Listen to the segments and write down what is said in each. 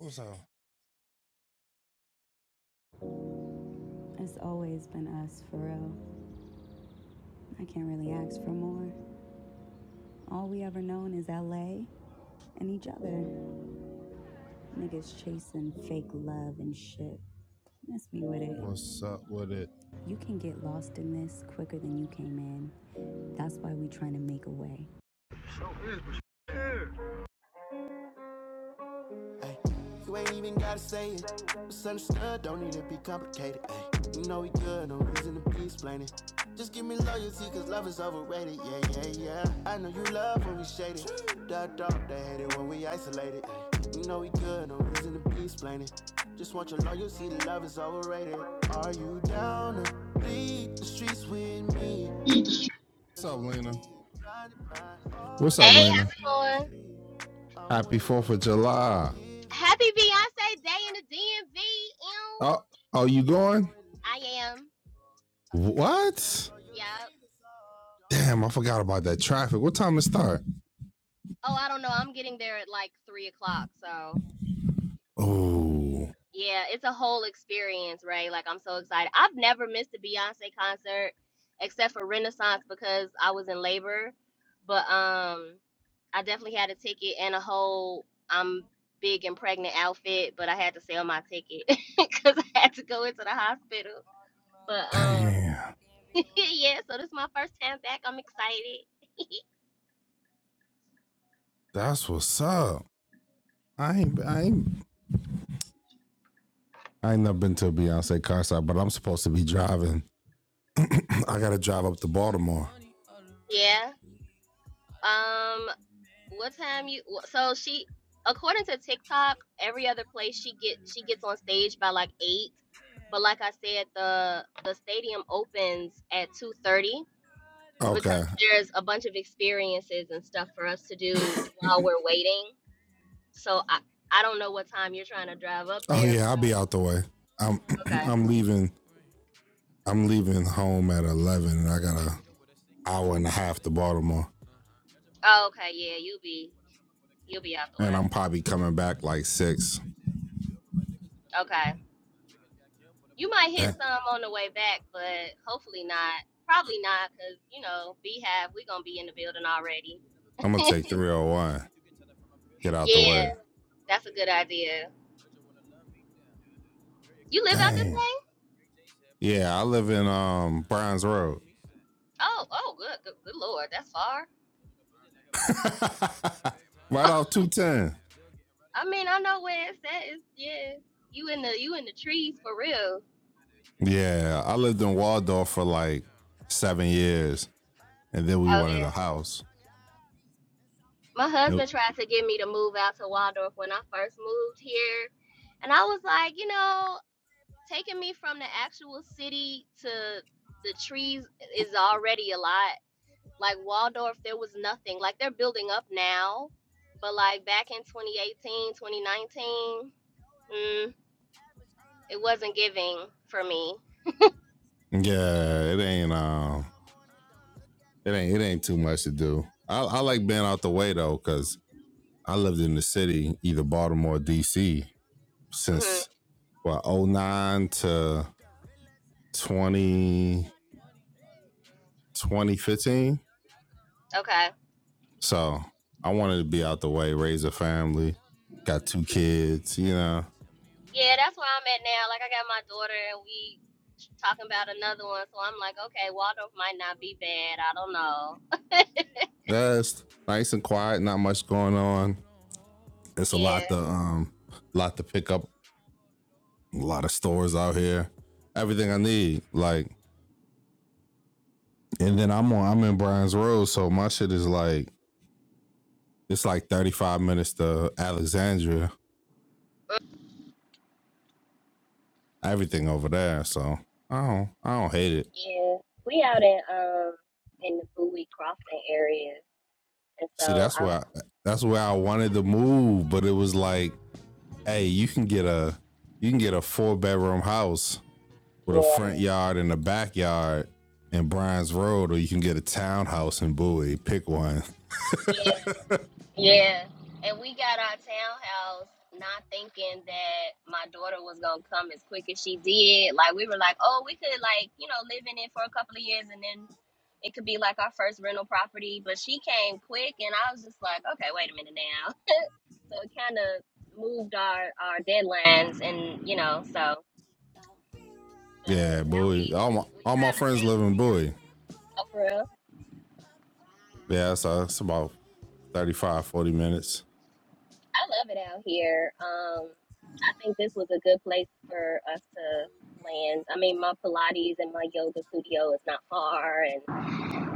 What's up? What's up with it? What's up, Lena? What's Hey, up, Lena? how's it going? Happy Fourth of July. Happy Beyonce Day in the DMV. ew. Oh, are you going? I am. What? Yep. Damn, I forgot about that traffic. What time it start? Oh, I don't know. I'm getting there at like three o'clock. So Oh, yeah, it's a whole experience, right? Like I'm so excited. I've never missed a Beyonce concert except for Renaissance because I was in labor. But um, I definitely had a ticket and a whole I'm big and pregnant outfit. But I had to sell my ticket because I had to go into the hospital. But um. damn. yeah, so this is my first time back. I'm excited. That's what's up. I ain't, I ain't, I ain't never been to a Beyonce concert, but I'm supposed to be driving. I gotta drive up to Baltimore. Yeah. Um, what time you? wh- So she, according to TikTok, every other place she get she gets on stage by like eight, but like I said, the the stadium opens at two thirty because Okay. there's a bunch of experiences and stuff for us to do while we're waiting. So I I don't know what time you're trying to drive up Oh there. But yeah, I'll be out the way. I'm, okay. I'm leaving. I'm leaving home at eleven, and I gotta hour and a half to Baltimore, Oh, okay. Yeah, you'll be you'll be out the and way. I'm probably coming back like six. Okay. You might hit Eh, some on the way back, but hopefully not. Probably not, because, you know, Beehive, we going to be in the building already. I'm gonna take 301. Get out the Yeah, way. that's a good idea. You live out this Dang. way? Yeah, I live in um Browns Road, Oh, oh, good, good, good Lord, that's far. right off 210. I mean, I know where it's at. It's, yeah, you in the you in the trees for real. Yeah, I lived in Waldorf for like seven years, and then we Oh wanted a yeah. house. My It- husband tried to get me to move out to Waldorf when I first moved here, and I was like, you know, taking me from the actual city to the trees is already a lot. Like Waldorf, there was nothing. Like they're building up now, but like back in 2018, 2019, mm, it wasn't giving for me. yeah, it ain't um, it ain't it ain't too much to do. I, I like being out the way though, cause I lived in the city, either Baltimore, or D.C. hmm since what oh nine to 20, 2015. Okay. So I wanted to be out the way, raise a family, got two kids, you know. Yeah, that's where I'm at now. Like I got my daughter and we talking about another one, so I'm like, okay, Waldorf might not be bad. I don't know. That's nice and quiet, not much going on. It's a yeah. lot to um lot to pick up, a lot of stores out here. Everything I need. Like and then I'm on I'm in Bryan's Road, so my shit is like it's like 35 minutes to Alexandria. Everything over there. So I don't I don't hate it. Yeah, we out in um in the Bowie Crossing area, and See, so that's I'm why that's where I wanted to move, but it was like, hey, you can get a you can get a four bedroom house with a yeah. front yard and a backyard in Bryan's Road, or you can get a townhouse in Bowie. Pick one. Yeah. Yeah. And we got our townhouse not thinking that my daughter was gonna come as quick as she did. Like we were like, oh, we could like, you know, live in it for a couple of years and then it could be like our first rental property. But she came quick and I was just like, Okay, wait a minute now. So it kinda moved our, our deadlines and you know, so but Yeah, now we Bowie. All my we all my trying to friends stay in live in Bowie Bowie. Oh, for real. Yeah, so it's about 35 40 minutes. I love it out here. Um, I think this was a good place for us to land. I mean, my Pilates and my yoga studio is not far, and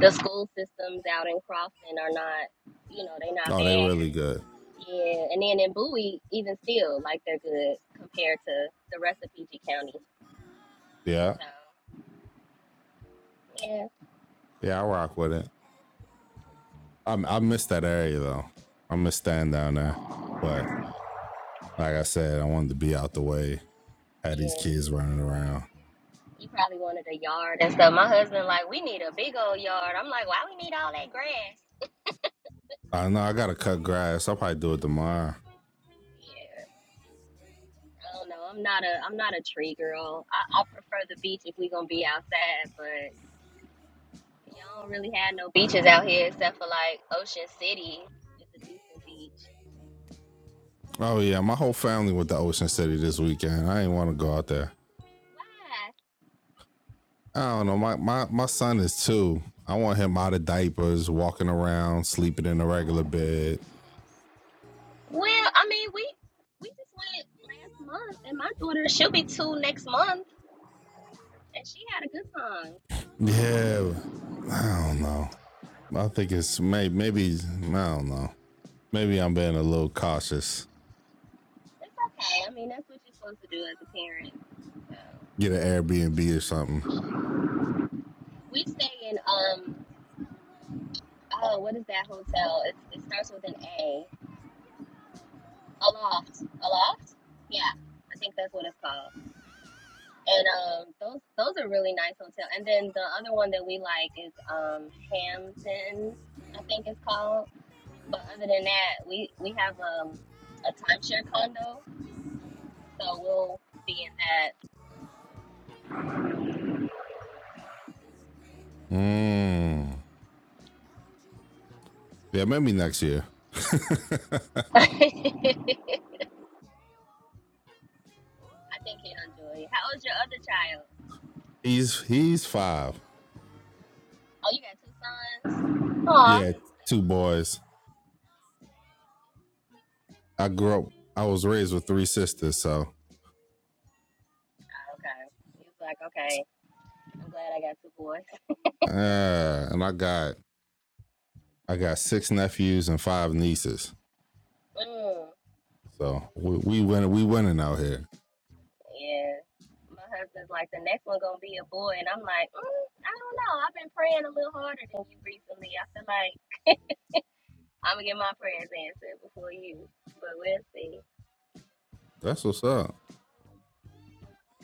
the school systems out in Crofton are not, you know, they're not Oh, they bad. really good. Yeah, and then in Bowie, even still, like they're good compared to the rest of PG County. Yeah. So yeah, Yeah, I rock with it. I, I miss that area though. I miss staying down there. But like I said, I wanted to be out the way Had these yeah. kids running around. You probably wanted a yard and stuff. My husband like, we need a big old yard. I'm like, why we need all that grass? I know I gotta cut grass. I'll probably do it tomorrow. Yeah. I don't know. I'm not a I'm not a tree girl. I, I prefer the beach if we gonna be outside, but y'all don't really have no beaches out here except for like Ocean City is a decent beach. Oh yeah, my whole family went to Ocean City this weekend. I didn't want to go out there. Why? I don't know. My, my my son is two. I want him out of diapers, walking around, sleeping in a regular bed. Well, I mean we we just went last month, and my daughter she'll be two next month, and she had a good time. Yeah, I don't know. I think it's may, maybe I don't know. Maybe I'm being a little cautious. It's okay. I mean that's what you're supposed to do as a parent. So Get an Airbnb or something. we stay in um oh what is that hotel? It, it starts with an A. Aloft. Aloft? Yeah. I think that's what it's called. And um those those are really nice hotel. And then the other one that we like is um Hampton, I think it's called. But other than that, we we have um a timeshare condo, so we'll be in that. Mm. Yeah, maybe next year. I think he'll enjoy. it. How old's your other child? he's he's five. Oh, you got two sons? Aw. Yeah, two boys. I grew up. I was raised with three sisters, so Okay. He was like, okay, I'm glad I got two boys. uh, and I got I got six nephews and five nieces. Mm. So we, we winning. We winning out here. And my husband's like, the next one gonna be a boy, and I'm like, mm, I don't know. I've been praying a little harder than you recently. I feel like I'm gonna get my prayers answered before you, but we'll see. That's what's up.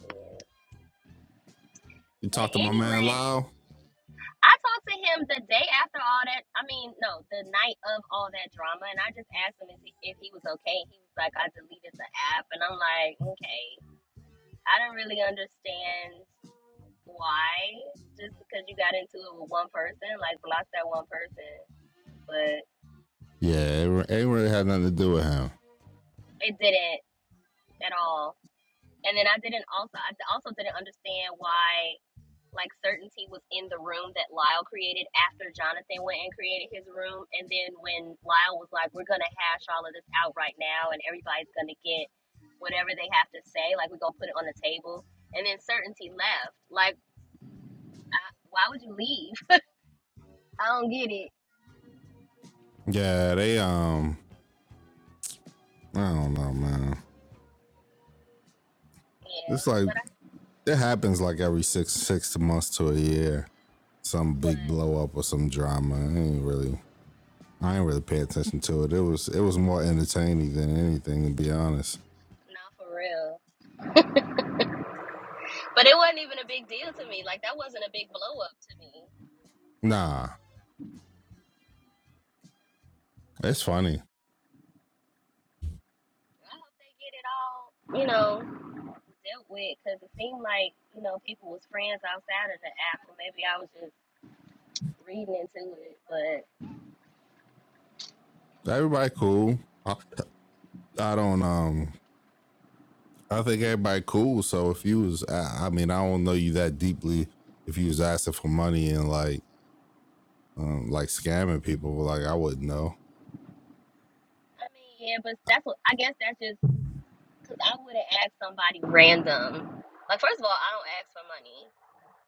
Yeah. You But talk to my man anyway, Lyle. I talked to him the day after all that. I mean, no, the night of all that drama, and I just asked him if he, if he was okay. He was like, I deleted the app, and I'm like, okay, I don't really understand why. Just because you got into it with one person, like block that one person. but. Yeah, it, ain't really had nothing to do with him. it didn't at all. And then I didn't also I also didn't understand why like certainty was in the room that Lyle created after Jonathan went and created his room. And then when Lyle was like, "We're gonna hash all of this out right now, and everybody's gonna get whatever they have to say. Like we're gonna put it on the table." And then certainty left. Like, I, why would you leave? I don't get it. Yeah, they um, I don't know, man. Yeah, It's like but I it happens like every six six months to a year. Some big what? blow up or some drama. It ain't really I ain't really pay attention to it. It was it was more entertaining than anything, to be honest. Not for real. But it wasn't even a big deal to me. Like that wasn't a big blow up to me. Nah, it's Mm. funny. I hope they get it all, you know, dealt with because it seemed like, you know, people was friends outside of the app, or maybe I was just reading into it. But Everybody cool. I, I don't um. I think everybody cool. So if you was, I, I mean, I don't know you that deeply. If you was asking for money and like um like scamming people, like I wouldn't know. I mean, yeah, but that's what I guess that's just because I wouldn't ask somebody random. Like, first of all, I don't ask for money.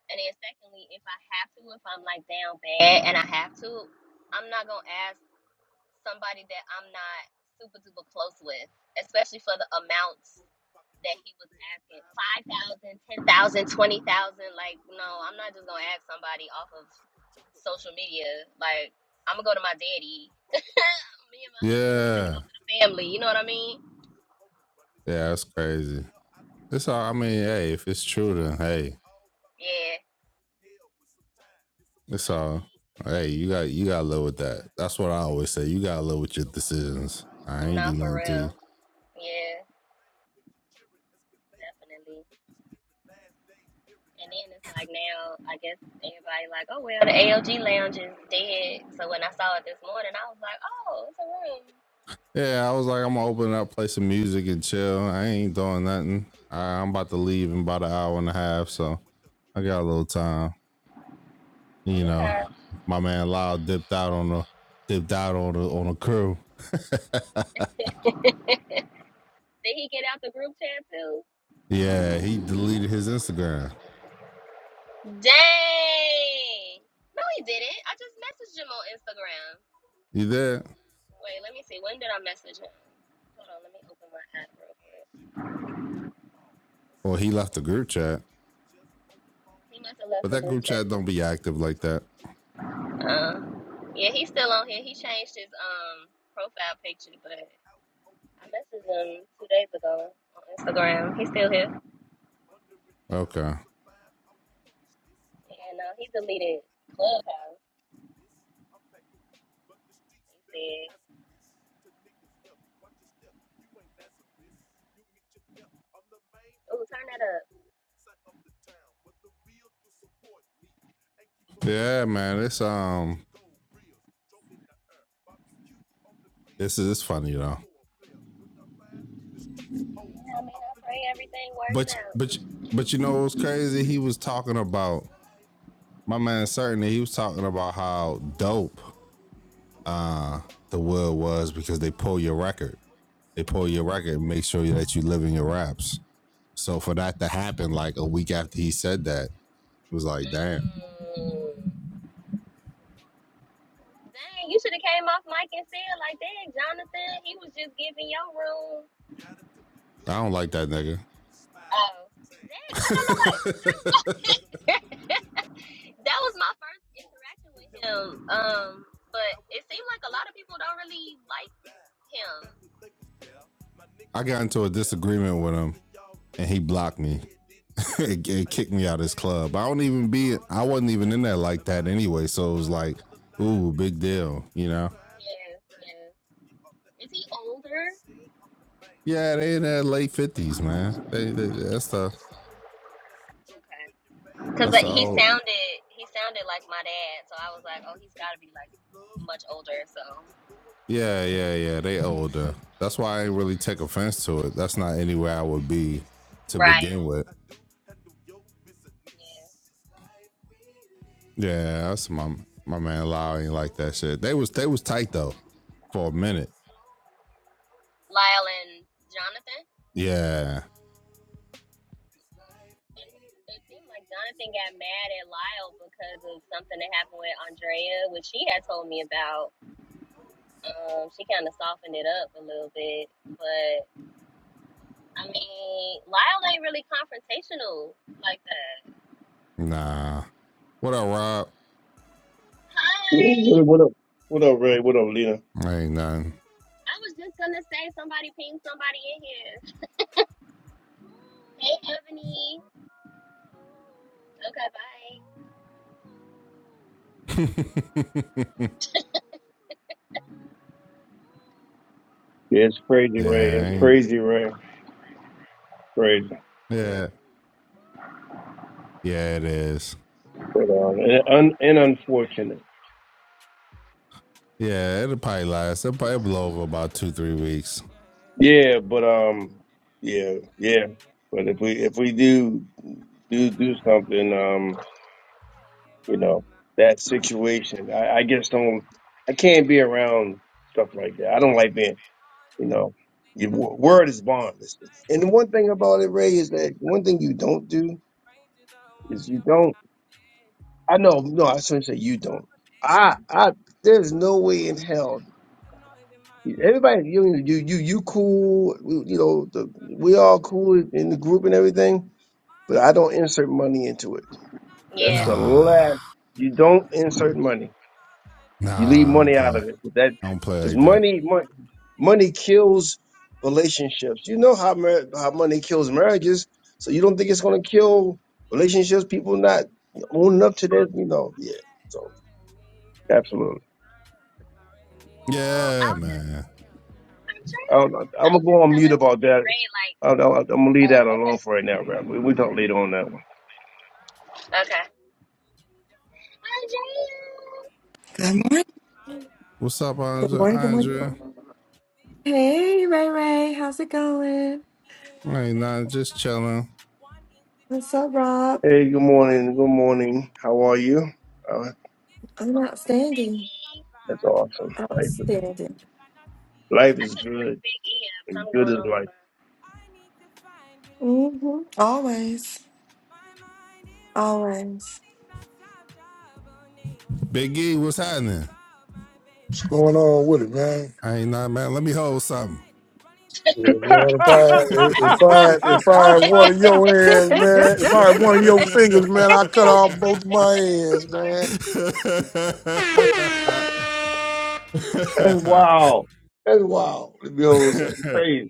And then, secondly, if I have to, if I'm like down bad and I have to, I'm not going to ask somebody that I'm not super duper close with, especially for the amounts. that he was asking 5,000, 10,000, 20,000. Like, no, I'm not just going to ask somebody off of social media. Like, I'm going to go to my daddy. Me and my husband, we finna go Yeah, to the family. You know what I mean? yeah, that's crazy. It's all. I mean, hey, if it's true, then hey, Yeah. That's all. Hey, you got you gotta live with that. That's what I always say. You gotta live with your decisions. I ain't Nah, do for nothing to you. real. Yeah, definitely. And then it's like now, I guess everybody like, oh, well, the ALG lounge is dead. So when I saw it this morning, I was like, oh, it's a room. Yeah, I was like, I'm gonna open up, play some music and chill. I ain't doing nothing. I, I'm about to leave in about an hour and a half, so I got a little time. You know, Okay. my man Lyle dipped out on the dipped out on the on the crew. Did he get out the group chat too? Yeah, he deleted his Instagram. Dang. No, he didn't. I just messaged him on Instagram. You there? Wait, let me see. When did I message him? Hold on, let me open my app real quick. Well, he left the group chat, He must have but left the that group group chat. chat don't be active like that. Uh, yeah, he's still on here. He changed his um profile picture, but I messaged him two days ago on Instagram. He's still here. Okay. And uh, he deleted Clubhouse. He said, "Ooh, turn that up." Yeah, man. It's um This is it's funny though. Yeah, I mean, I pray everything works But out. but but you know what's crazy? He was talking about my man certainly he was talking about how dope uh the world was because they pull your record. They pull your record and make sure that you live in your raps. So for that to happen like a week after he said that, it was like, damn, Mm. Dang, you should have came off mic and said like, dang, Jonathan, he was just giving your room. I don't like that nigga. Oh, dang, why don't nobody? That was my, that was my first interaction with him. Um, but it seemed like a lot of people don't really like him. I got into a disagreement with him and he blocked me it, it kicked me out of this club. I don't even be. I wasn't even in there like that anyway. So it was like, ooh, big deal. You know? Yeah, yeah. Is he older? Yeah, they in their late fifties, man. They, they that's the Okay. Cause that's like the he old. sounded, he sounded like my dad, so I was like, oh, he's got to be like much older. So Yeah, yeah, yeah. They older. That's why I ain't really take offense to it. That's not anywhere I would be to right. begin with. Yeah. Yeah, that's my my man. Lau ain't like that shit. They was they was tight though for a minute. Lyle and Jonathan. Yeah. and it seemed like Jonathan got mad at Lyle because of something that happened with Andrea, which she had told me about. Um, she kind of softened it up a little bit, but I mean, Lyle ain't really confrontational like that. Nah. What up, What up, what up, Hi, what up? What up, Ray? What up, Lena? Rob? I Ain't I was just gonna say somebody pinged somebody in here. Hey, Ebony. Okay, bye. nothing. Yeah, it's crazy, Yeah, Ray. I It's ain't, crazy, Ray. Crazy, yeah, yeah, it is. but um, and, un, and unfortunate. Yeah, it'll probably last. It'll probably blow over about two, three weeks. Yeah, but um, yeah, yeah. But if we if we do do do something, um, you know, that situation, I, I just don't. I can't be around stuff like that. I don't like being, you know, your wo- word is bond. And the one thing about it, Ray, is that one thing you don't do is you don't. I know, no, I shouldn't say you don't. I, I, there's no way in hell. Everybody, you, you, you, you cool. we- You know, the, we all cool in the group and everything. But I don't insert money into it. That's Yeah. the Nah, last. You don't insert money. You leave nah, I don't money out play. of it. That I don't play because like that. money, money, money kills relationships. You know how mar- how money kills marriages. So you don't think it's going to kill relationships? People not owning up to this, you know? Yeah. So absolutely. Well, I Yeah, was man. just I Andrea. don't, I'm I gonna was just go on mute telling about that. Ray like, I, I, I'm gonna leave uh, that okay, alone for right now, Rap. We we talk later on that one. okay. Andrea. Good morning. What's up, Good Good Andre? morning. Good morning. morning. Andre? Hey, Ray Ray. How's it going? I ain't not just chilling. What's up, Rob? Hey, good morning. Good morning. How are you? Uh, I'm Good morning, Big outstanding. E. that's awesome. Life, is- Outstanding. life I is can't bring good. Big E up. And Something good going is on with life. mine. Mm-hmm. Always. Always. Big E, what's happening? What's going on with it, man? I ain't not man. Let me hold something. Yeah, man, if that's I if, if I if I had one of your hands, man, if I had one of your fingers, man, I cut off both of my hands, man. I wow. That's wow. Behold, something crazy.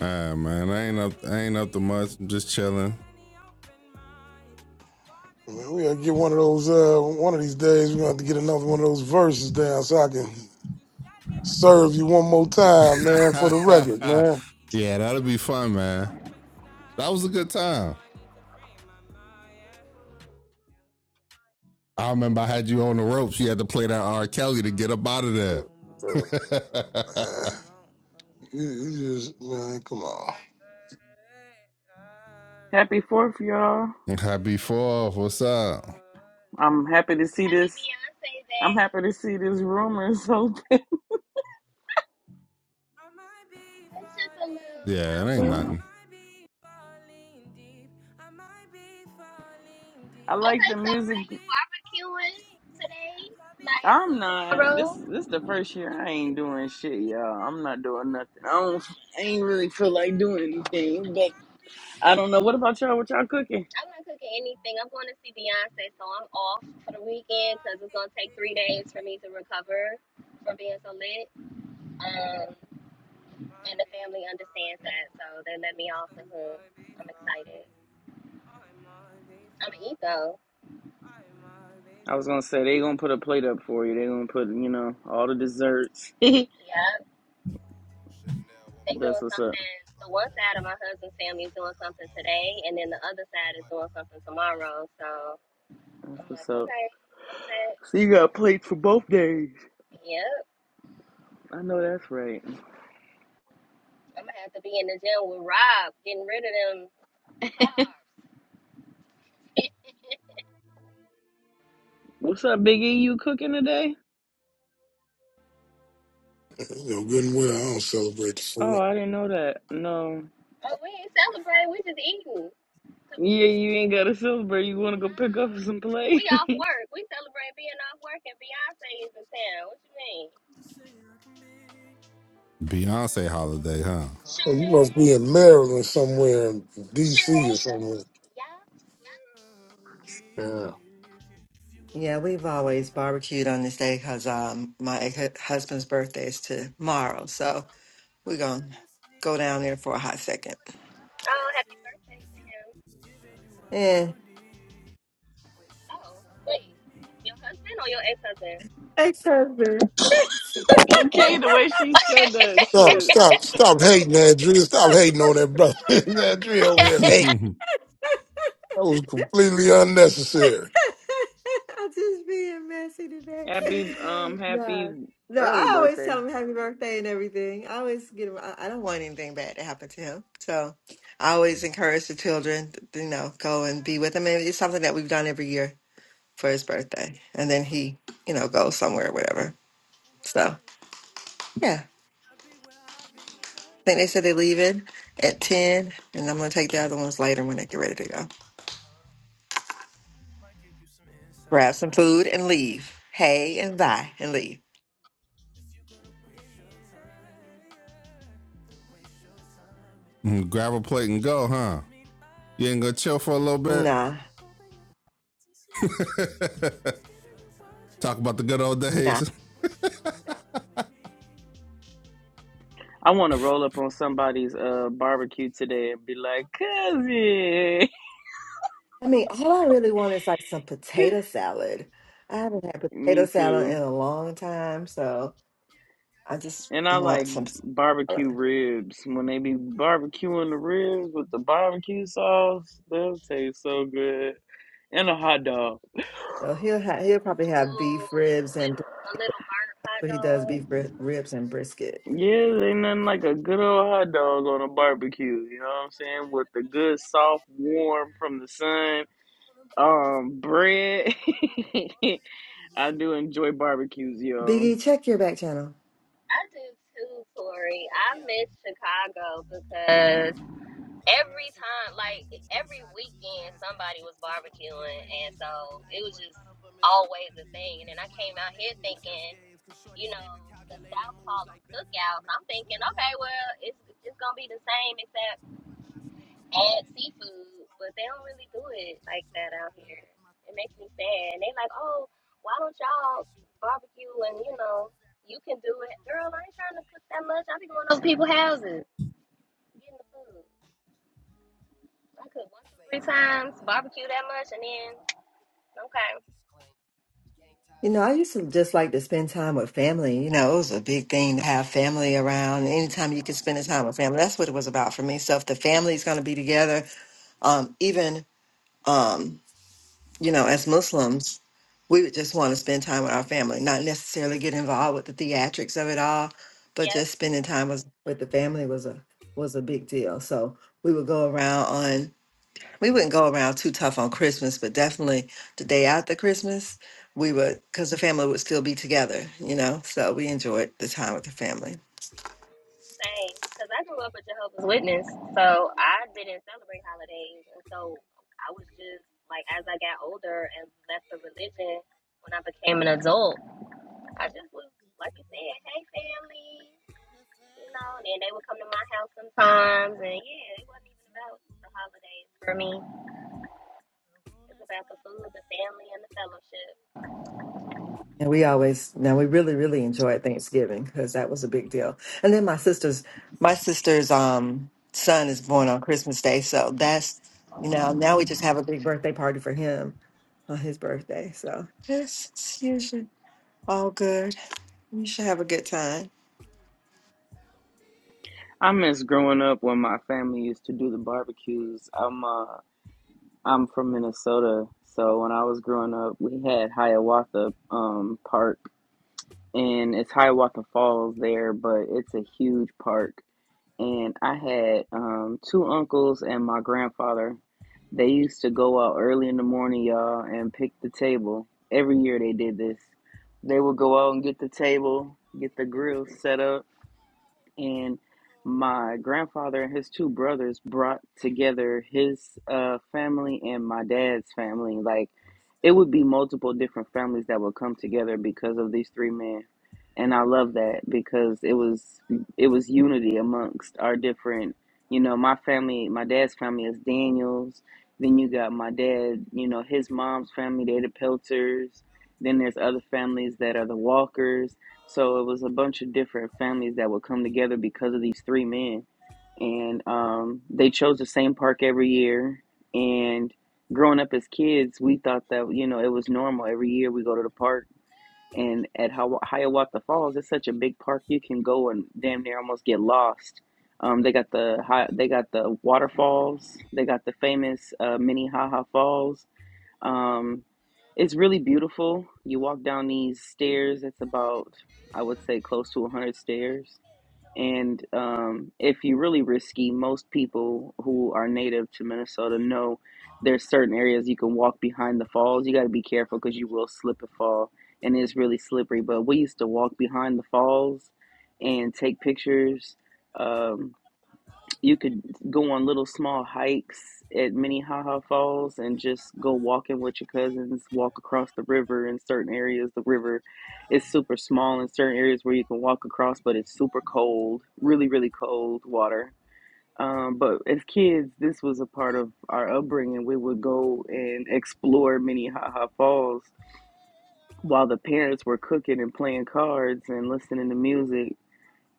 Ah man, I ain't up, I ain't up to much. I'm just chilling. man we gotta get one of those. Uh, one of these days, we are gonna have to get another one of those verses down so I can serve you one more time, man, for the record, man. yeah, that'll be fun, man. That was a good time. I remember I had you on the ropes. You had to play that R. Kelly to get up out of there. Uh, man, you, you just man, come on. Happy Fourth, y'all. Happy Fourth. What's up? I'm happy to see Happy this. Beyonce I'm Day. happy to see this rumor. So It's just a little Yeah, it ain't something. nothing. I like Okay, the so music. Ray, you barbecuing today? Like, I'm or not. tomorrow? This this the first year I ain't doing shit, y'all. I'm not doing nothing. I don't. I ain't really feel like doing anything. But I don't know. What about y'all? What y'all cooking? I'm not cooking anything. I'm going to see Beyonce, so I'm off for the weekend because it's going to take three days for me to recover from being so lit. Um, and the family understands that, so they let me off the hook. I'm excited. I'm going to eat, though. I was gonna say they gonna put a plate up for you. They gonna put you know all the desserts. Yeah. they That's doing what's up. something the one side of my husband's family is doing something today and then the other side is doing something tomorrow so That's i'm what's like up. okay i'm set So you got plates for both days. yep I know that's right. i'm gonna have to be in the gym with rob getting rid of them carbs What's up, Biggie? You cooking today? You know, good and well, I don't celebrate the fool. Oh, I didn't know that. No. oh we ain't celebrating we just eating 'Cause, Yeah, you ain't got a silver. You want to go pick nah, up some play? we off work we celebrate being off work and beyonce is in town what you mean Beyonce holiday, huh? sure Hey, You is must be in Maryland somewhere, in sure D.C. or am somewhere. yeah Yeah. Yeah, we've always barbecued on this day because um, my ex- husband's birthday is tomorrow. So we're going to go down there for a hot second. oh happy birthday to him Yeah. oh wait your husband or your ex-husband Ex husband. okay, the way she said that Stop, shit. stop, stop hating, Andrea. Stop hating on that brother. Andrea over here hate. That was completely unnecessary. I'm just being messy today. Happy, um, happy No, no. early I always birthday. tell him happy birthday and everything. I always get him. I I don't want anything bad to happen to him, so I always encourage the children. to, You know, go and be with him, and it's something that we've done every year for his birthday. And then he, you know, goes somewhere, or whatever. So yeah, I think they said they leave it at ten, and I'm gonna take the other ones later when they get ready to go. Grab some food and leave. Hey and bye and leave. Grab a plate and go, huh? You ain't gonna chill for a little bit? Nah. Talk about the good old nah. days. I want to roll up on somebody's uh barbecue today and be like, cousin. I mean, all I really want is like some potato salad. I haven't had potato Me salad in too. a long time, so I just And I want like some barbecue salad. ribs. When they be barbecuing the ribs with the barbecue sauce, they'll taste so good. And a hot dog. So he'll ha he'll probably have Ooh, beef ribs and bris- a little burnt hot but he does dog. beef ri ribs and brisket. Yeah, ain't nothing like a good old hot dog on a barbecue. You know what I'm saying? With the good, soft, warm from the sun, um, bread. I do enjoy barbecues, yo. Biggie, check your back channel. I do too, Tori. I miss Chicago because every time, like every weekend, somebody was barbecuing, and so it was just always a thing. And then I came out here thinking, you know, the South call them cookouts. I'm thinking, okay, well, it's it's gonna be the same except add seafood, but they don't really do it like that out here. It makes me sad. And they like, oh, why don't y'all barbecue and you know you can do it, girl. I ain't trying to cook that much. I be going to those people's houses getting the food. I cook one, two, three times, barbecue that much, and then okay, You know, I used to just like to spend time with family. You know, it was a big thing to have family around. Anytime you could spend the time with family, that's what it was about for me. So if the family's going to be together, um, even, um, you know, as Muslims, we would just want to spend time with our family, not necessarily get involved with the theatrics of it all, but yeah, just spending time with, with the family was a was a big deal. So we would go around we wouldn't go around too tough on Christmas, but definitely the day after Christmas, we would, because the family would still be together, you know? So we enjoyed the time with the family. same. Cause I grew up a Jehovah's Witness, so I didn't celebrate holidays, and so I was just like, as I got older and left the religion when I became an adult. I just was like you said, hey family, you know, and then they would come to my house sometimes, and yeah, it wasn't even about the holidays for me. It's about the food, the family, and the fellowship. And we always, now we really, really enjoyed Thanksgiving because that was a big deal. And then my sister's, my sister's um, son is born on Christmas Day. So that's, you know, now we just have a big birthday party for him on his birthday. So it's, it's usually all good. We should have a good time. I miss growing up when my family used to do the barbecues. I'm uh, I'm from Minnesota, so when I was growing up, we had Hiawatha um park and it's Hiawatha Falls there, but it's a huge park. And I had um, two uncles and my grandfather. They used to go out early in the morning, y'all, and pick the table. Every year they did this. They would go out and get the table, get the grill set up, and my grandfather and his two brothers brought together his uh family and my dad's family like it would be multiple different families that would come together because of these three men and i love that Mm. because it was it was unity amongst our different you know my family my dad's family is daniels then you got my dad you know his mom's family they're the pelters then there's other families that are the walkers so it was a bunch of different families that would come together because of these three men. And um, they chose the same park every year. And growing up as kids, we thought that, you know, it was normal. Every year we go to the park. And at Hiawa- Hiawatha Falls, it's such a big park. You can go and damn near almost get lost. Um, they got the high, they got the waterfalls. They got the famous uh, Minnehaha Falls um, it's really beautiful. You walk down these stairs. It's about, I would say, close to 100 stairs. And um, if you're really risky, most people who are native to Minnesota know there's certain areas you can walk behind the falls. You got to be careful because you will slip and fall, and it's really slippery. But we used to walk behind the falls and take pictures. Um, you could go on little small hikes at Minnehaha Falls and just go walking with your cousins, walk across the river in certain areas. The river is super small in certain areas where you can walk across, but it's super cold, really, really cold water. Um, but as kids, this was a part of our upbringing. We would go and explore Minnehaha Falls while the parents were cooking and playing cards and listening to music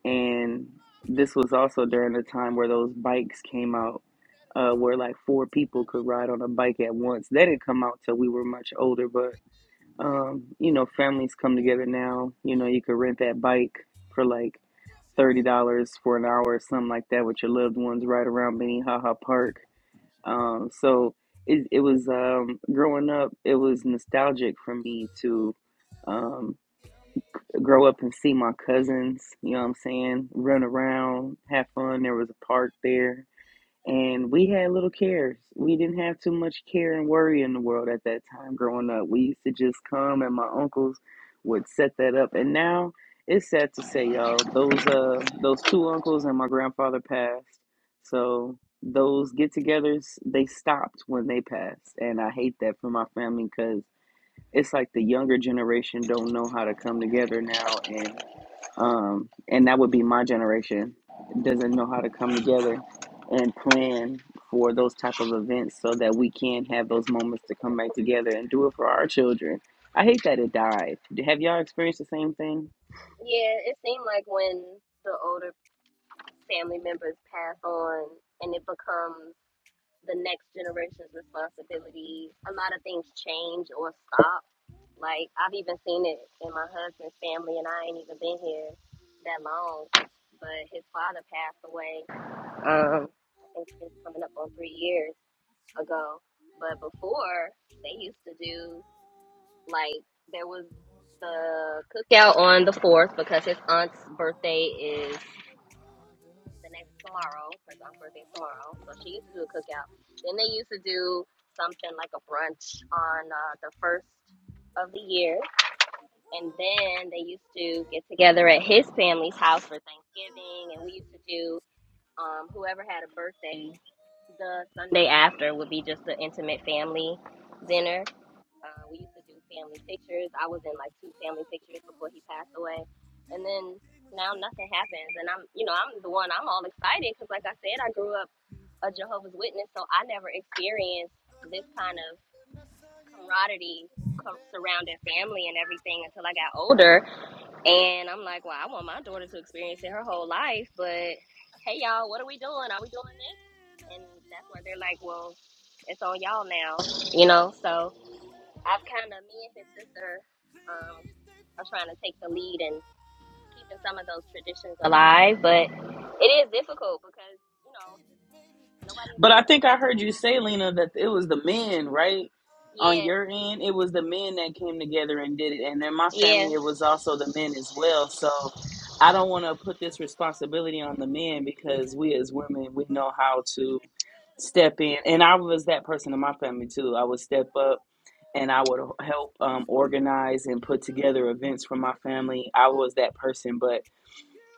and this was also during the time where those bikes came out uh where like four people could ride on a bike at once they didn't come out till we were much older but um you know families come together now you know you could rent that bike for like thirty dollars for an hour or something like that with your loved ones right around Minnehaha Park um so it, it was um growing up it was nostalgic for me to um grow up and see my cousins, you know what I'm saying, run around, have fun. There was a park there. And we had little cares. We didn't have too much care and worry in the world at that time growing up. We used to just come and my uncles would set that up. And now it's sad to say, y'all, those uh those two uncles and my grandfather passed. So those get togethers, they stopped when they passed. And I hate that for my family because it's like the younger generation don't know how to come together now and um and that would be my generation doesn't know how to come together and plan for those type of events so that we can have those moments to come back together and do it for our children i hate that it died have y'all experienced the same thing Yeah, it seemed like when the older family members pass on, and it becomes the next generation's responsibility, a lot of things change or stop. Like I've even seen it in my husband's family, and I ain't even been here that long. But his father passed away I think it's coming up on three years ago. But before they used to do like there was the cookout on the fourth because his aunt's birthday is the next tomorrow. His aunt's birthday is tomorrow, so she used to do a cookout. Then they used to do something like a brunch on uh, the first of the year, and then they used to get together at his family's house for Thanksgiving, and we used to do um, whoever had a birthday the Sunday after would be just the intimate family dinner. Uh, we used to do family pictures. I was in like two family pictures before he passed away, and then now nothing happens. And I'm, you know, I'm the one. I'm all excited because, like I said, I grew up a Jehovah's Witness, so I never experienced this kind of camaraderie surrounding family and everything until I got older. And I'm like, well, I want my daughter to experience it her whole life, but hey, y'all, what are we doing? Are we doing this? And that's where they're like, well, it's on y'all now, you know? So I've kind of, me and his sister um, are trying to take the lead and keeping some of those traditions alive, but it is difficult because, you know, nobody's But I into think it I heard you anymore. say, Lena, that it was the men, right? On Yeah, your end, it was the men that came together and did it. And in my yeah, family, it was also the men as well. So I don't want to put this responsibility on the men because we as women, we know how to step in. And I was that person in my family too. I would step up and I would help um, organize and put together events for my family. I was that person. But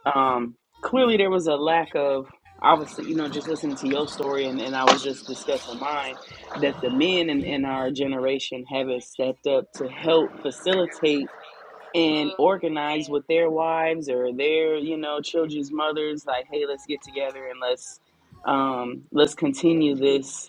um, clearly there was a lack of obviously you know just listening to your story and, and i was just discussing mine that the men in, in our generation haven't stepped up to help facilitate and hmm organize with yeah, their wives or their you know children's mothers like hey let's get together and let's um, let's continue this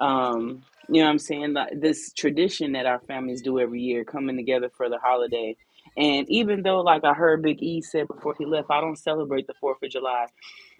um you know what i'm saying like this tradition that our families do every year coming together for the holiday and even though like i heard big e said before he left i don't celebrate the fourth of july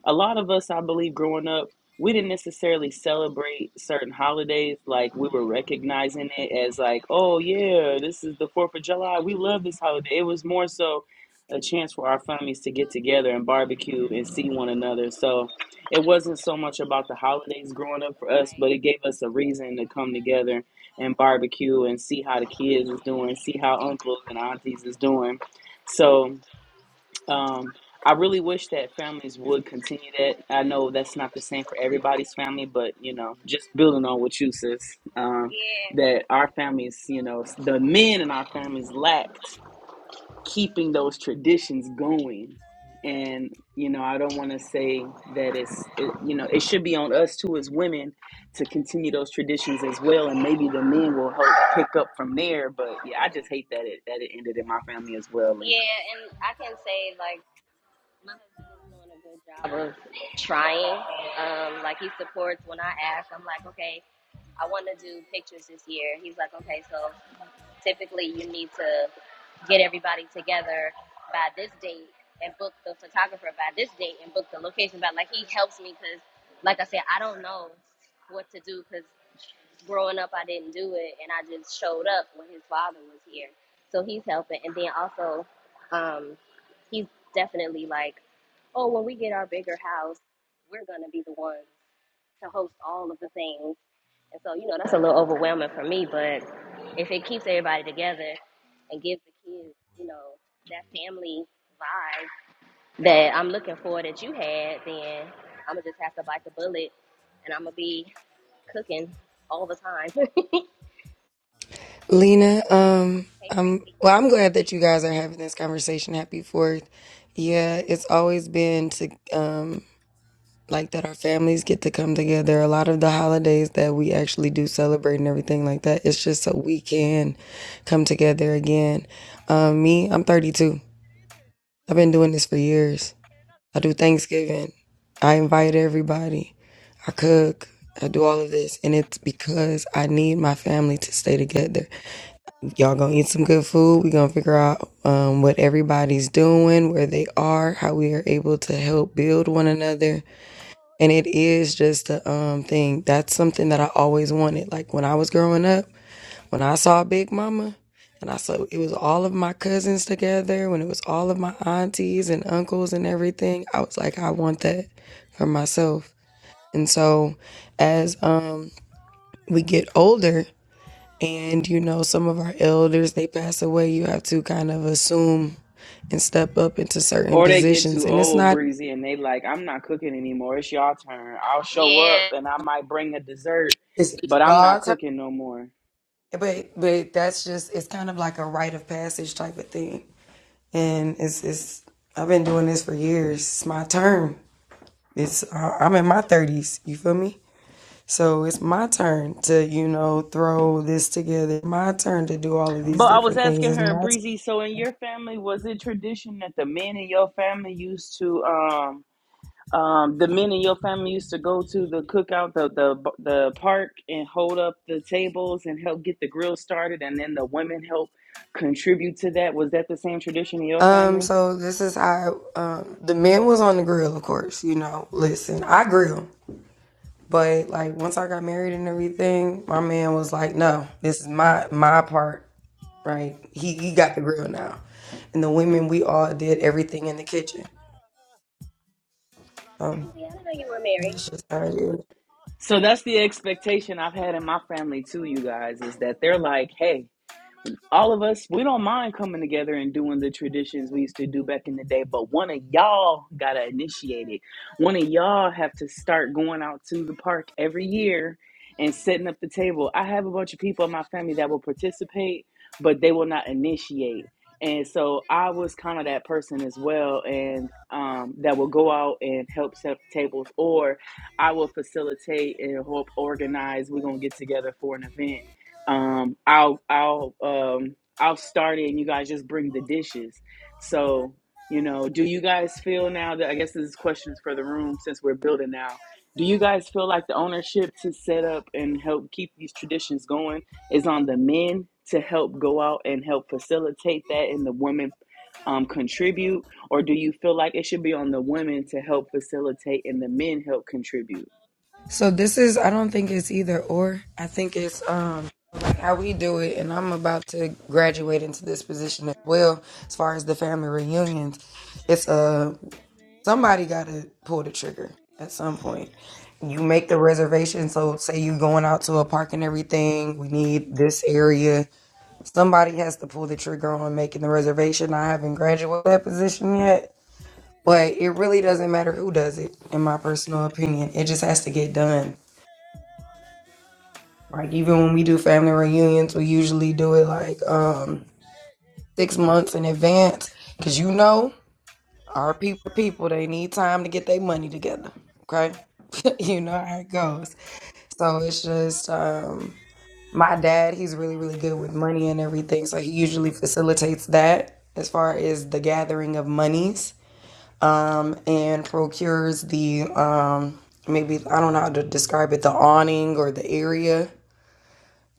a lot of us, I believe, growing up, we didn't necessarily celebrate certain holidays like we were recognizing it as like, oh yeah, this is the Fourth of July. We love this holiday. It was more so a chance for our families to get together and barbecue and see one another. So it wasn't so much about the holidays growing up for us, right. but it gave us a reason to come together and barbecue and see how the kids is doing, see how uncles and aunties is doing. So um, I really wish that families would continue that. I know that's not the same for everybody's family, but you know, just building on what you sis, um, Yeah, that our families, you know, the men in our families lacked keeping those traditions going. And you know, I don't want to say that it's, it, you know, it should be on us too as women to continue those traditions as well, and maybe the men will help pick up from there. But yeah, I just hate that it that it ended in my family as well, Lena. yeah, and I can say, like, My husband is doing a good job of trying. Um, like he supports when I ask. I'm like, okay, I want to do pictures this year. He's like, okay, so typically you need to get everybody together by this date and book the photographer by this date and book the location. But like he helps me because, like I said, I don't know what to do because growing up, I didn't do it, and I just showed up when his father was here. So he's helping, and then also, um, he's definitely like, oh, when we get our bigger house, we're gonna be the ones to host all of the things. And so, you know, that's a little overwhelming for me, but if it keeps everybody together and gives the kids, you know, that family vibe that I'm looking for that you had, then I'm gonna just have to bite the bullet and I'm gonna be cooking all the time. hey, Lena, um, um, Breezy. well, I'm glad that you guys are having this conversation. Happy Fourth. Yeah, it's always been to um like that our families get to come together. A lot of the holidays that we actually do celebrate and everything like that, it's just so we can come together again. Um, me, I'm 32. I've been doing this for years. I do Thanksgiving. I invite everybody. I cook. I do all of this, and it's because I need my family to stay together. Y'all gonna eat some good food. we gonna figure out um, what everybody's doing, where they are, how we are able to help build one another. And it is just a um, thing. That's something that I always wanted. Like when I was growing up, when I saw Big Mama, and I saw it was all of my cousins together, when it was all of my aunties and uncles and everything, I was like, I want that for myself. And so as um, we get older, and you know some of our elders they pass away you have to kind of assume and step up into certain Or they get positions too and it's old, not breezy, and they like, I'm not cooking anymore. It's y'all turn. I'll show up Yeah. and I might bring a dessert, it's, it's but you I'm all not turn cooking no more. but but that's just it's kind of like a rite of passage type of thing and it's it's i've been doing this for years it's my turn it's I- i'm in my 30s you feel me so it's my turn to you know throw this together my turn to do all of these But I was different things asking it's my her, turn breezy. So in your family, was it tradition that the men in your family used to, um, um, the men in your family used to go to the cookout, the the the park, and hold up the tables and help get the grill started, and then the women help contribute to that. Was that the same tradition in your Um, family? so this is how um the men was on the grill, of course, you know. Listen, I grill, but like once I got married and everything, my man was like, No, this is my my part, right? He he got the grill now. And the women we all did everything in the kitchen. Um Breezy, I didn't know you were married. that's just how it is. So that's the expectation I've had in my family too, you guys, is that they're like, hey, all of us, we don't mind coming together and doing the traditions we used to do back in the day, but one of y'all got to initiate it. One of y'all have to start going out to the park every year and setting up the table. I have a bunch of people in my family that will participate, but they will not initiate. And so I was kind of that person as well, and um, that will go out and help set up the tables, or I will facilitate and help organize. We're going to get together for an event um i'll i'll um i'll start it and you guys just bring the dishes so you know do you guys feel now that i guess this question is for the room since we're building now do you guys feel like the ownership to set up and help keep these traditions going is on the men to help go out and help facilitate that and the women um, contribute or do you feel like it should be on the women to help facilitate and the men help contribute So this is I don't think it's either or. I think it's um like how we do it and I'm about to graduate into this position as well as far as the family reunions. It's Somebody got to pull the trigger at some point. You make the reservation. So, say you going out to a park and everything. We need this area. Somebody has to pull the trigger on making the reservation. I haven't graduated that position yet, but it really doesn't matter who does it, in my personal opinion. It just has to get done. Like even when we do family reunions, we usually do it like um, six months in advance, because you know Our people, people, they need time to get their money together. Okay, you know how it goes. So it's just um, my dad. He's really, really good with money and everything. So he usually facilitates that as far as the gathering of monies um, and procures the um, maybe I don't know how to describe it, the awning or the area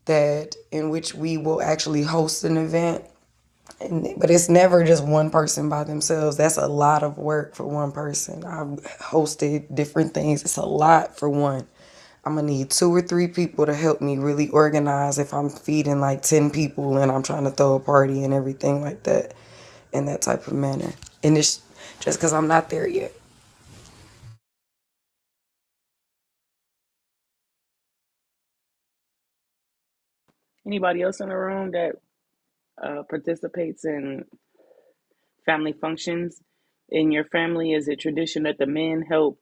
that in which we will actually host an event and, but it's never just one person by themselves. That's a lot of work for one person. I've hosted different things. It's a lot for one. I'm gonna need two or three people to help me really organize if I'm feeding like 10 people and I'm trying to throw a party and everything like that in that type of manner. And it's just because I'm not there yet. anybody else in the room that uh, participates in family functions in your family? Is it tradition that the men help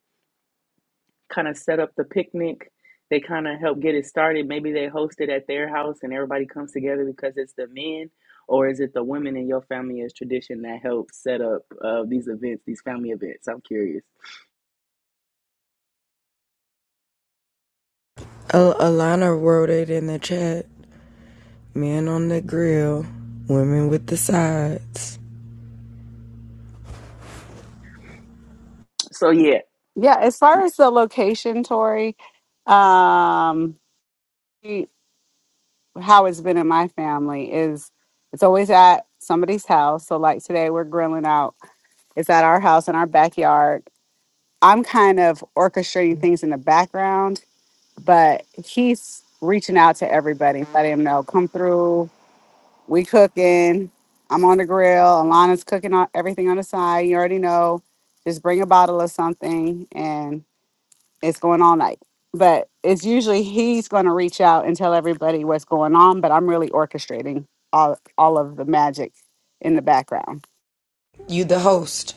kind of set up the picnic? They kind of help get it started. Maybe they host it at their house and everybody comes together because it's the men, or is it the women in your family as tradition that helps set up uh, these events, these family events? I'm curious. Al- Alana wrote it in the chat men on the grill, women with the sides. So yeah, Yeah, as far as the location, Tori, um, we- how it's been in my family is it's always at somebody's house. So, like today, we're grilling out. It's at our house in our backyard. I'm kind of orchestrating things in the background, but he's reaching out to everybody, letting him know, come through. We cooking. I'm on the grill. Alana's cooking on everything on the side. You already know. Just bring a bottle of something, it's going all night. But it's usually he's going to reach out and tell everybody what's going on. But I'm really orchestrating all all of the magic in the background. You, the host.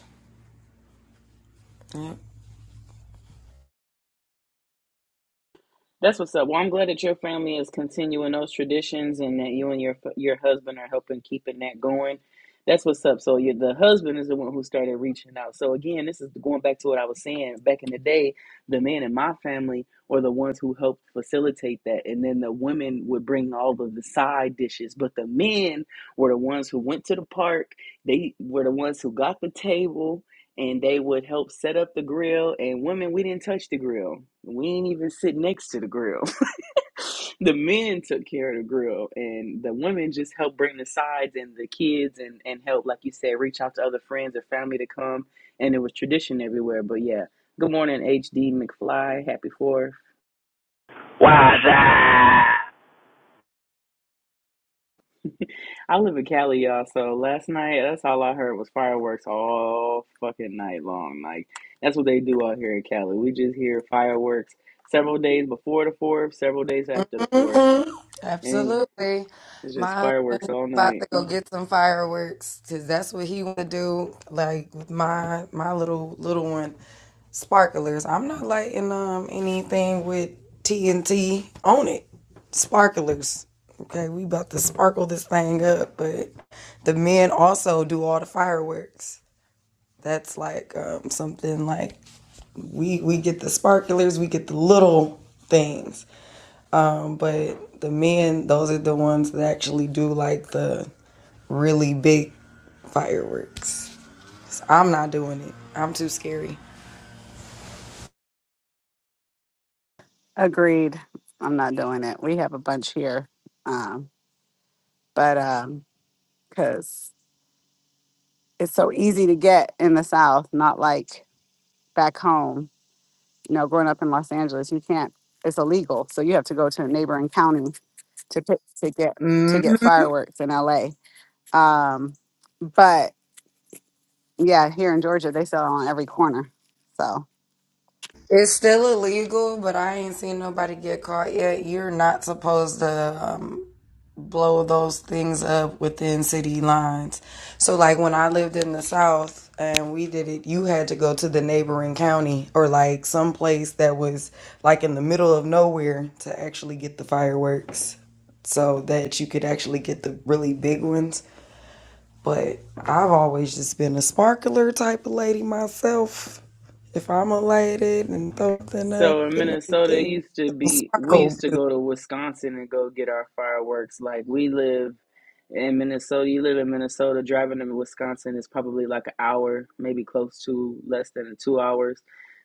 That's what's up. Well, I'm glad that your family is continuing those traditions and that you and your your husband are helping keeping that going. That's what's up. So you, the husband is the one who started reaching out. So again, this is going back to what I was saying back in the day. The men in my family were the ones who helped facilitate that, and then the women would bring all of the side dishes. But the men were the ones who went to the park. They were the ones who got the table and they would help set up the grill. And women, we didn't touch the grill. We didn't even sit next to the grill. the men took care of the grill, and the women just helped bring the sides and the kids and and help, like you said, reach out to other friends or family to come. And it was tradition everywhere. But yeah, good morning, HD McFly. Happy Fourth. What's up? I live in Cali, y'all. So last night, that's all I heard was fireworks all fucking night long. Like that's what they do out here in Cali. We just hear fireworks several days before the fourth, several days after the fourth, Mhm. and Absolutely. it's just My fireworks husband's all about to night. go get some fireworks because that's what he want to do. Like with my my little little one, sparklers. I'm not lighting um anything with TNT on it. Sparklers. Okay, we about to sparkle this thing up, but the men also do all the fireworks. That's like um, something like we we get the sparklers, we get the little things but the men, those are the ones that actually do like the really big fireworks. So I'm not doing it. I'm too scary. Agreed. I'm not doing it. We have a bunch here, um, but because it's so easy to get in the South, not like back home. You know, growing up in Los Angeles, you can't. It's illegal, so you have to go to a neighboring county to pick, to get hmm to get fireworks in LA. Um, but Yeah, here in Georgia, they sell it on every corner. So, It's still illegal, but I ain't seen nobody get caught yet. You're not supposed to. um, blow those things up within city lines. So like when I lived in the south and we did it, you had to go to the neighboring county or like some place that was like in the middle of nowhere to actually get the fireworks so that you could actually get the really big ones. But I've always just been a sparkler type of lady myself. If I'm a lady and something up So in and Minnesota, it everything, used to it'll be we sparkle used to good. go to Wisconsin and go get our fireworks. Like we live in Minnesota, you live in Minnesota, driving to Wisconsin is probably like an hour, maybe close to less than two hours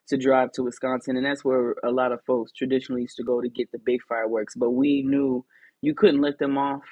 to drive to Wisconsin. And that's where a lot of folks traditionally used to go to get the big fireworks. But we knew you couldn't let them off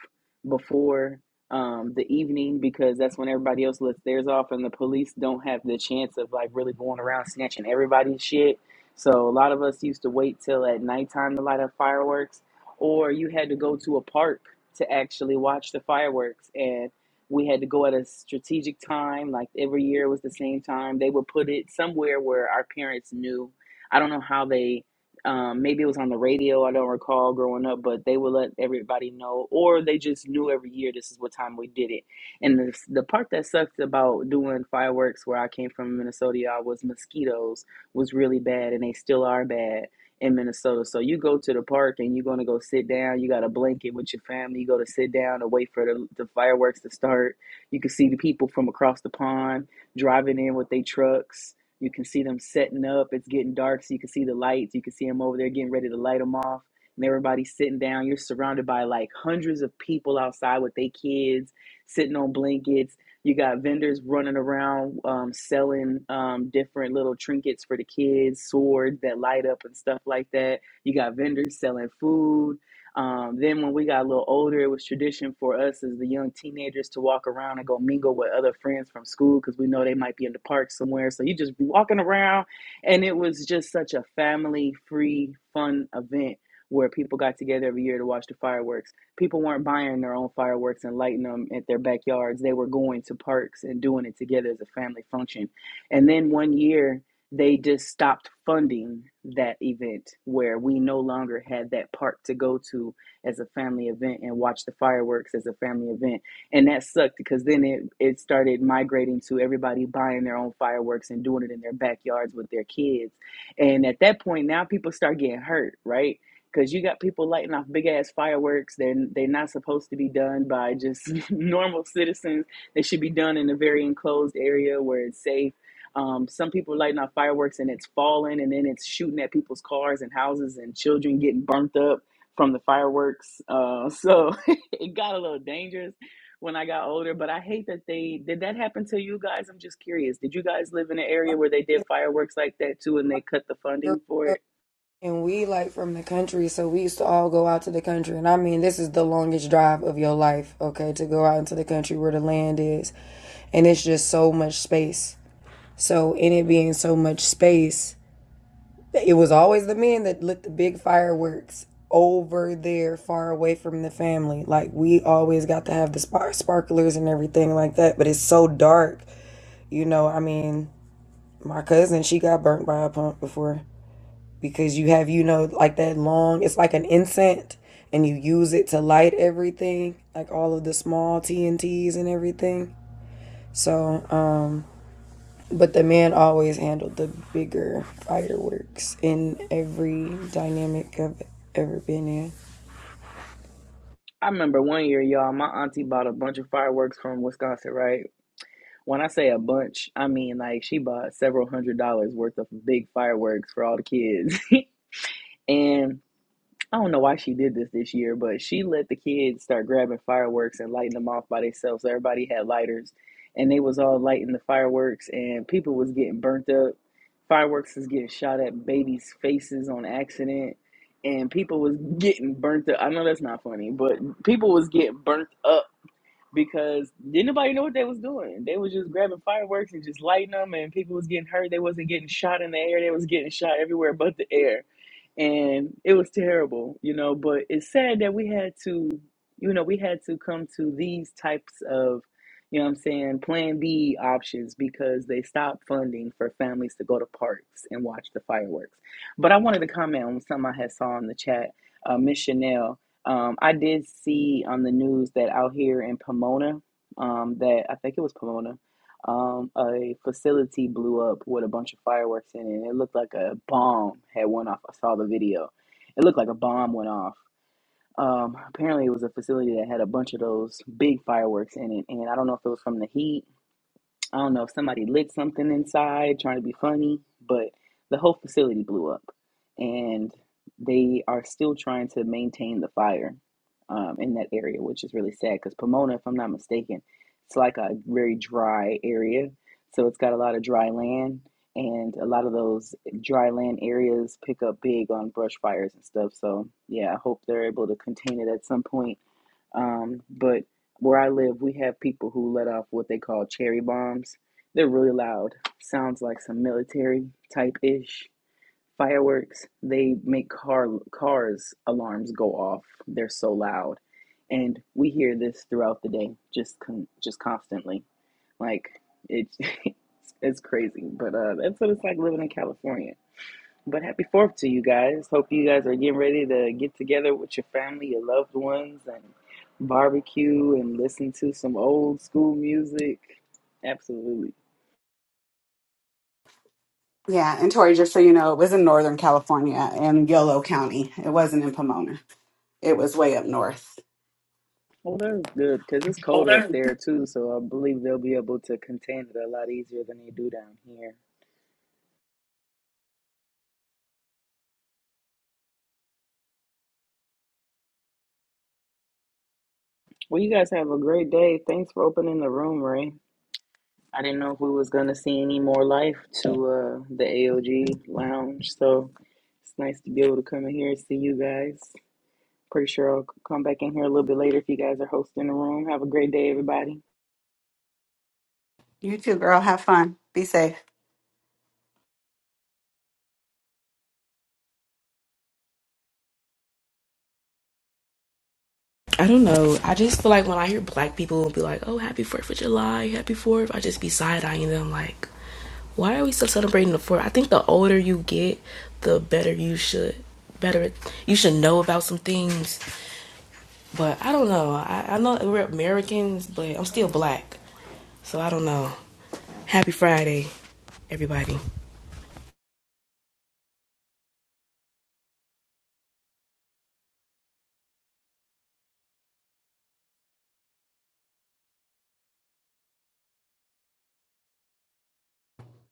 before um, the evening because that's when everybody else lets theirs off and the police don't have the chance of like really going around snatching everybody's shit so a lot of us used to wait till at nighttime to light up fireworks, or you had to go to a park to actually watch the fireworks. And we had to go at a strategic time, like every year was the same time. They would put it somewhere where our parents knew. I don't know how they. Um, maybe it was on the radio. I don't recall growing up, but they would let everybody know, or they just knew every year this is what time we did it. And the, the part that sucked about doing fireworks where I came from in Minnesota was mosquitoes was really bad and they still are bad in Minnesota. So you go to the park and you're going to go sit down. You got a blanket with your family. You go to sit down and wait for the, the fireworks to start. You can see the people from across the pond driving in with their trucks. You can see them setting up. It's getting dark, so you can see the lights. You can see them over there getting ready to light them off. And everybody's sitting down. You're surrounded by like hundreds of people outside with their kids sitting on blankets you got vendors running around um, selling um, different little trinkets for the kids, swords that light up and stuff like that. You got vendors selling food. Um, then when we got a little older, it was tradition for us as the young teenagers to walk around and go mingle with other friends from school because we know they might be in the park somewhere. So you just be walking around, and it was just such a family-free, fun event where people got together every year to watch the fireworks. People weren't buying their own fireworks and lighting them at their backyards. They were going to parks and doing it together as a family function. And then one year, they just stopped funding that event where we no longer had that park to go to as a family event and watch the fireworks as a family event. And that sucked because then it, it started migrating to everybody buying their own fireworks and doing it in their backyards with their kids. And at that point, now people start getting hurt, right? because you got people lighting off big ass fireworks. They're, they're not supposed to be done by just normal citizens. They should be done in a very enclosed area where it's safe. Um, some people lighting off fireworks and it's falling and then it's shooting at people's cars and houses and children getting burnt up from the fireworks. Uh, so it got a little dangerous when I got older, but I hate that they did that happen to you guys. I'm just curious. Did you guys live in an My- area where they did fireworks like that too and my they cut the funding for girl it? And we like from the country, so we used to all go out to the country. And I mean, this is the longest drive of your life, okay, to go out into the country where the land is. And it's just so much space. So, in it being so much space, it was always the men that lit the big fireworks over there, far away from the family. Like, we always got to have the spar- sparklers and everything like that. But it's so dark, you know. I mean, my cousin, she got burnt by a pump before because you have you know like that long it's like an incense and you use it to light everything like all of the small T N Ts and everything so um but the man always handled the bigger fireworks in every dynamic i've ever been in I remember one year, y'all, my auntie bought a bunch of fireworks from Wisconsin, right? When I say a bunch, I mean like she bought several hundred dollars worth of big fireworks for all the kids. and I don't know why she did this this year, but she let the kids start grabbing fireworks and lighting them off by themselves. So everybody had lighters and they was all lighting the fireworks and people was getting burnt up. Fireworks was getting shot at babies' faces on accident and people was getting burnt up. I know that's not funny, but people was getting burnt up because didn't nobody know what they was doing. They was just grabbing fireworks and just lighting them, and people was getting hurt. They wasn't getting shot in the air. They was getting shot everywhere but the air and it was terrible, you know. But it's sad that we had to, you know, we had to come to these types of, you know, what I'm saying, Plan B options because they stopped funding for families to go to parks and watch the fireworks. But I wanted to comment on something I had saw in the chat, uh, Miss Chanel. Um, I did see on the news that out here in Pomona, um, that I think it was Pomona, um, a facility blew up with a bunch of fireworks in it, and it looked like a bomb had went off. I saw the video. It looked like a bomb went off. Um, apparently, it was a facility that had a bunch of those big fireworks in it, and I don't know if it was from the heat I don't know if somebody lit something inside trying to be funny, but the whole facility blew up. And they are still trying to maintain the fire um, in that area, which is really sad because Pomona, if I'm not mistaken, it's like a very dry area. So it's got a lot of dry land, and a lot of those dry land areas pick up big on brush fires and stuff. So, yeah, I hope they're able to contain it at some point. Um, but where I live, we have people who let off what they call cherry bombs. They're really loud. Sounds like some military type ish fireworks. They make car cars alarms go off. They're so loud, and we hear this throughout the day, just con- just constantly. Like it's it's crazy, but uh, that's what it's like living in California but happy fourth to you guys. Hope you guys are getting ready to get together with your family, your loved ones, and barbecue and listen to some old school music. Absolutely. yeah. And Tori, just so you know, it was in Northern California in Yolo County. It wasn't in Pomona, it was way up north. Well, that was good because it's colder up there too, so I believe they'll be able to contain it a lot easier than they do down here. Well, you guys have a great day. Thanks for opening the room, Ray. I didn't know if we was gonna see any more life to uh, the AOG lounge, so it's nice to be able to come in here and see you guys. Pretty sure I'll come back in here a little bit later if you guys are hosting the room. Have a great day, everybody. You too, girl. Have fun. Be safe. I don't know. I just feel like when I hear black people be like, "Oh, happy Fourth of July, happy Fourth," I just be side eyeing them like, "Why are we still celebrating the Fourth? I think the older you get, the better you should, better you should know about some things. But I don't know. I, I know we're Americans, but I'm still black, so I don't know. Happy Friday, everybody.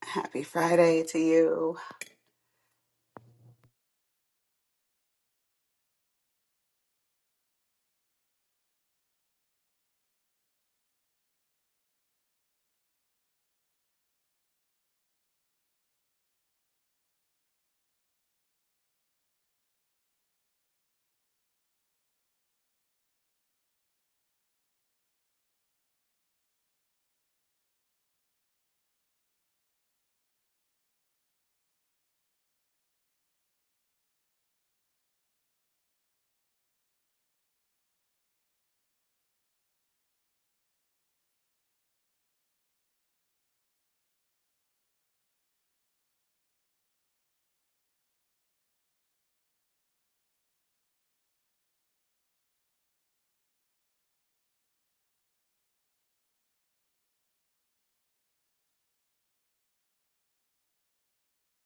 Happy Friday to you.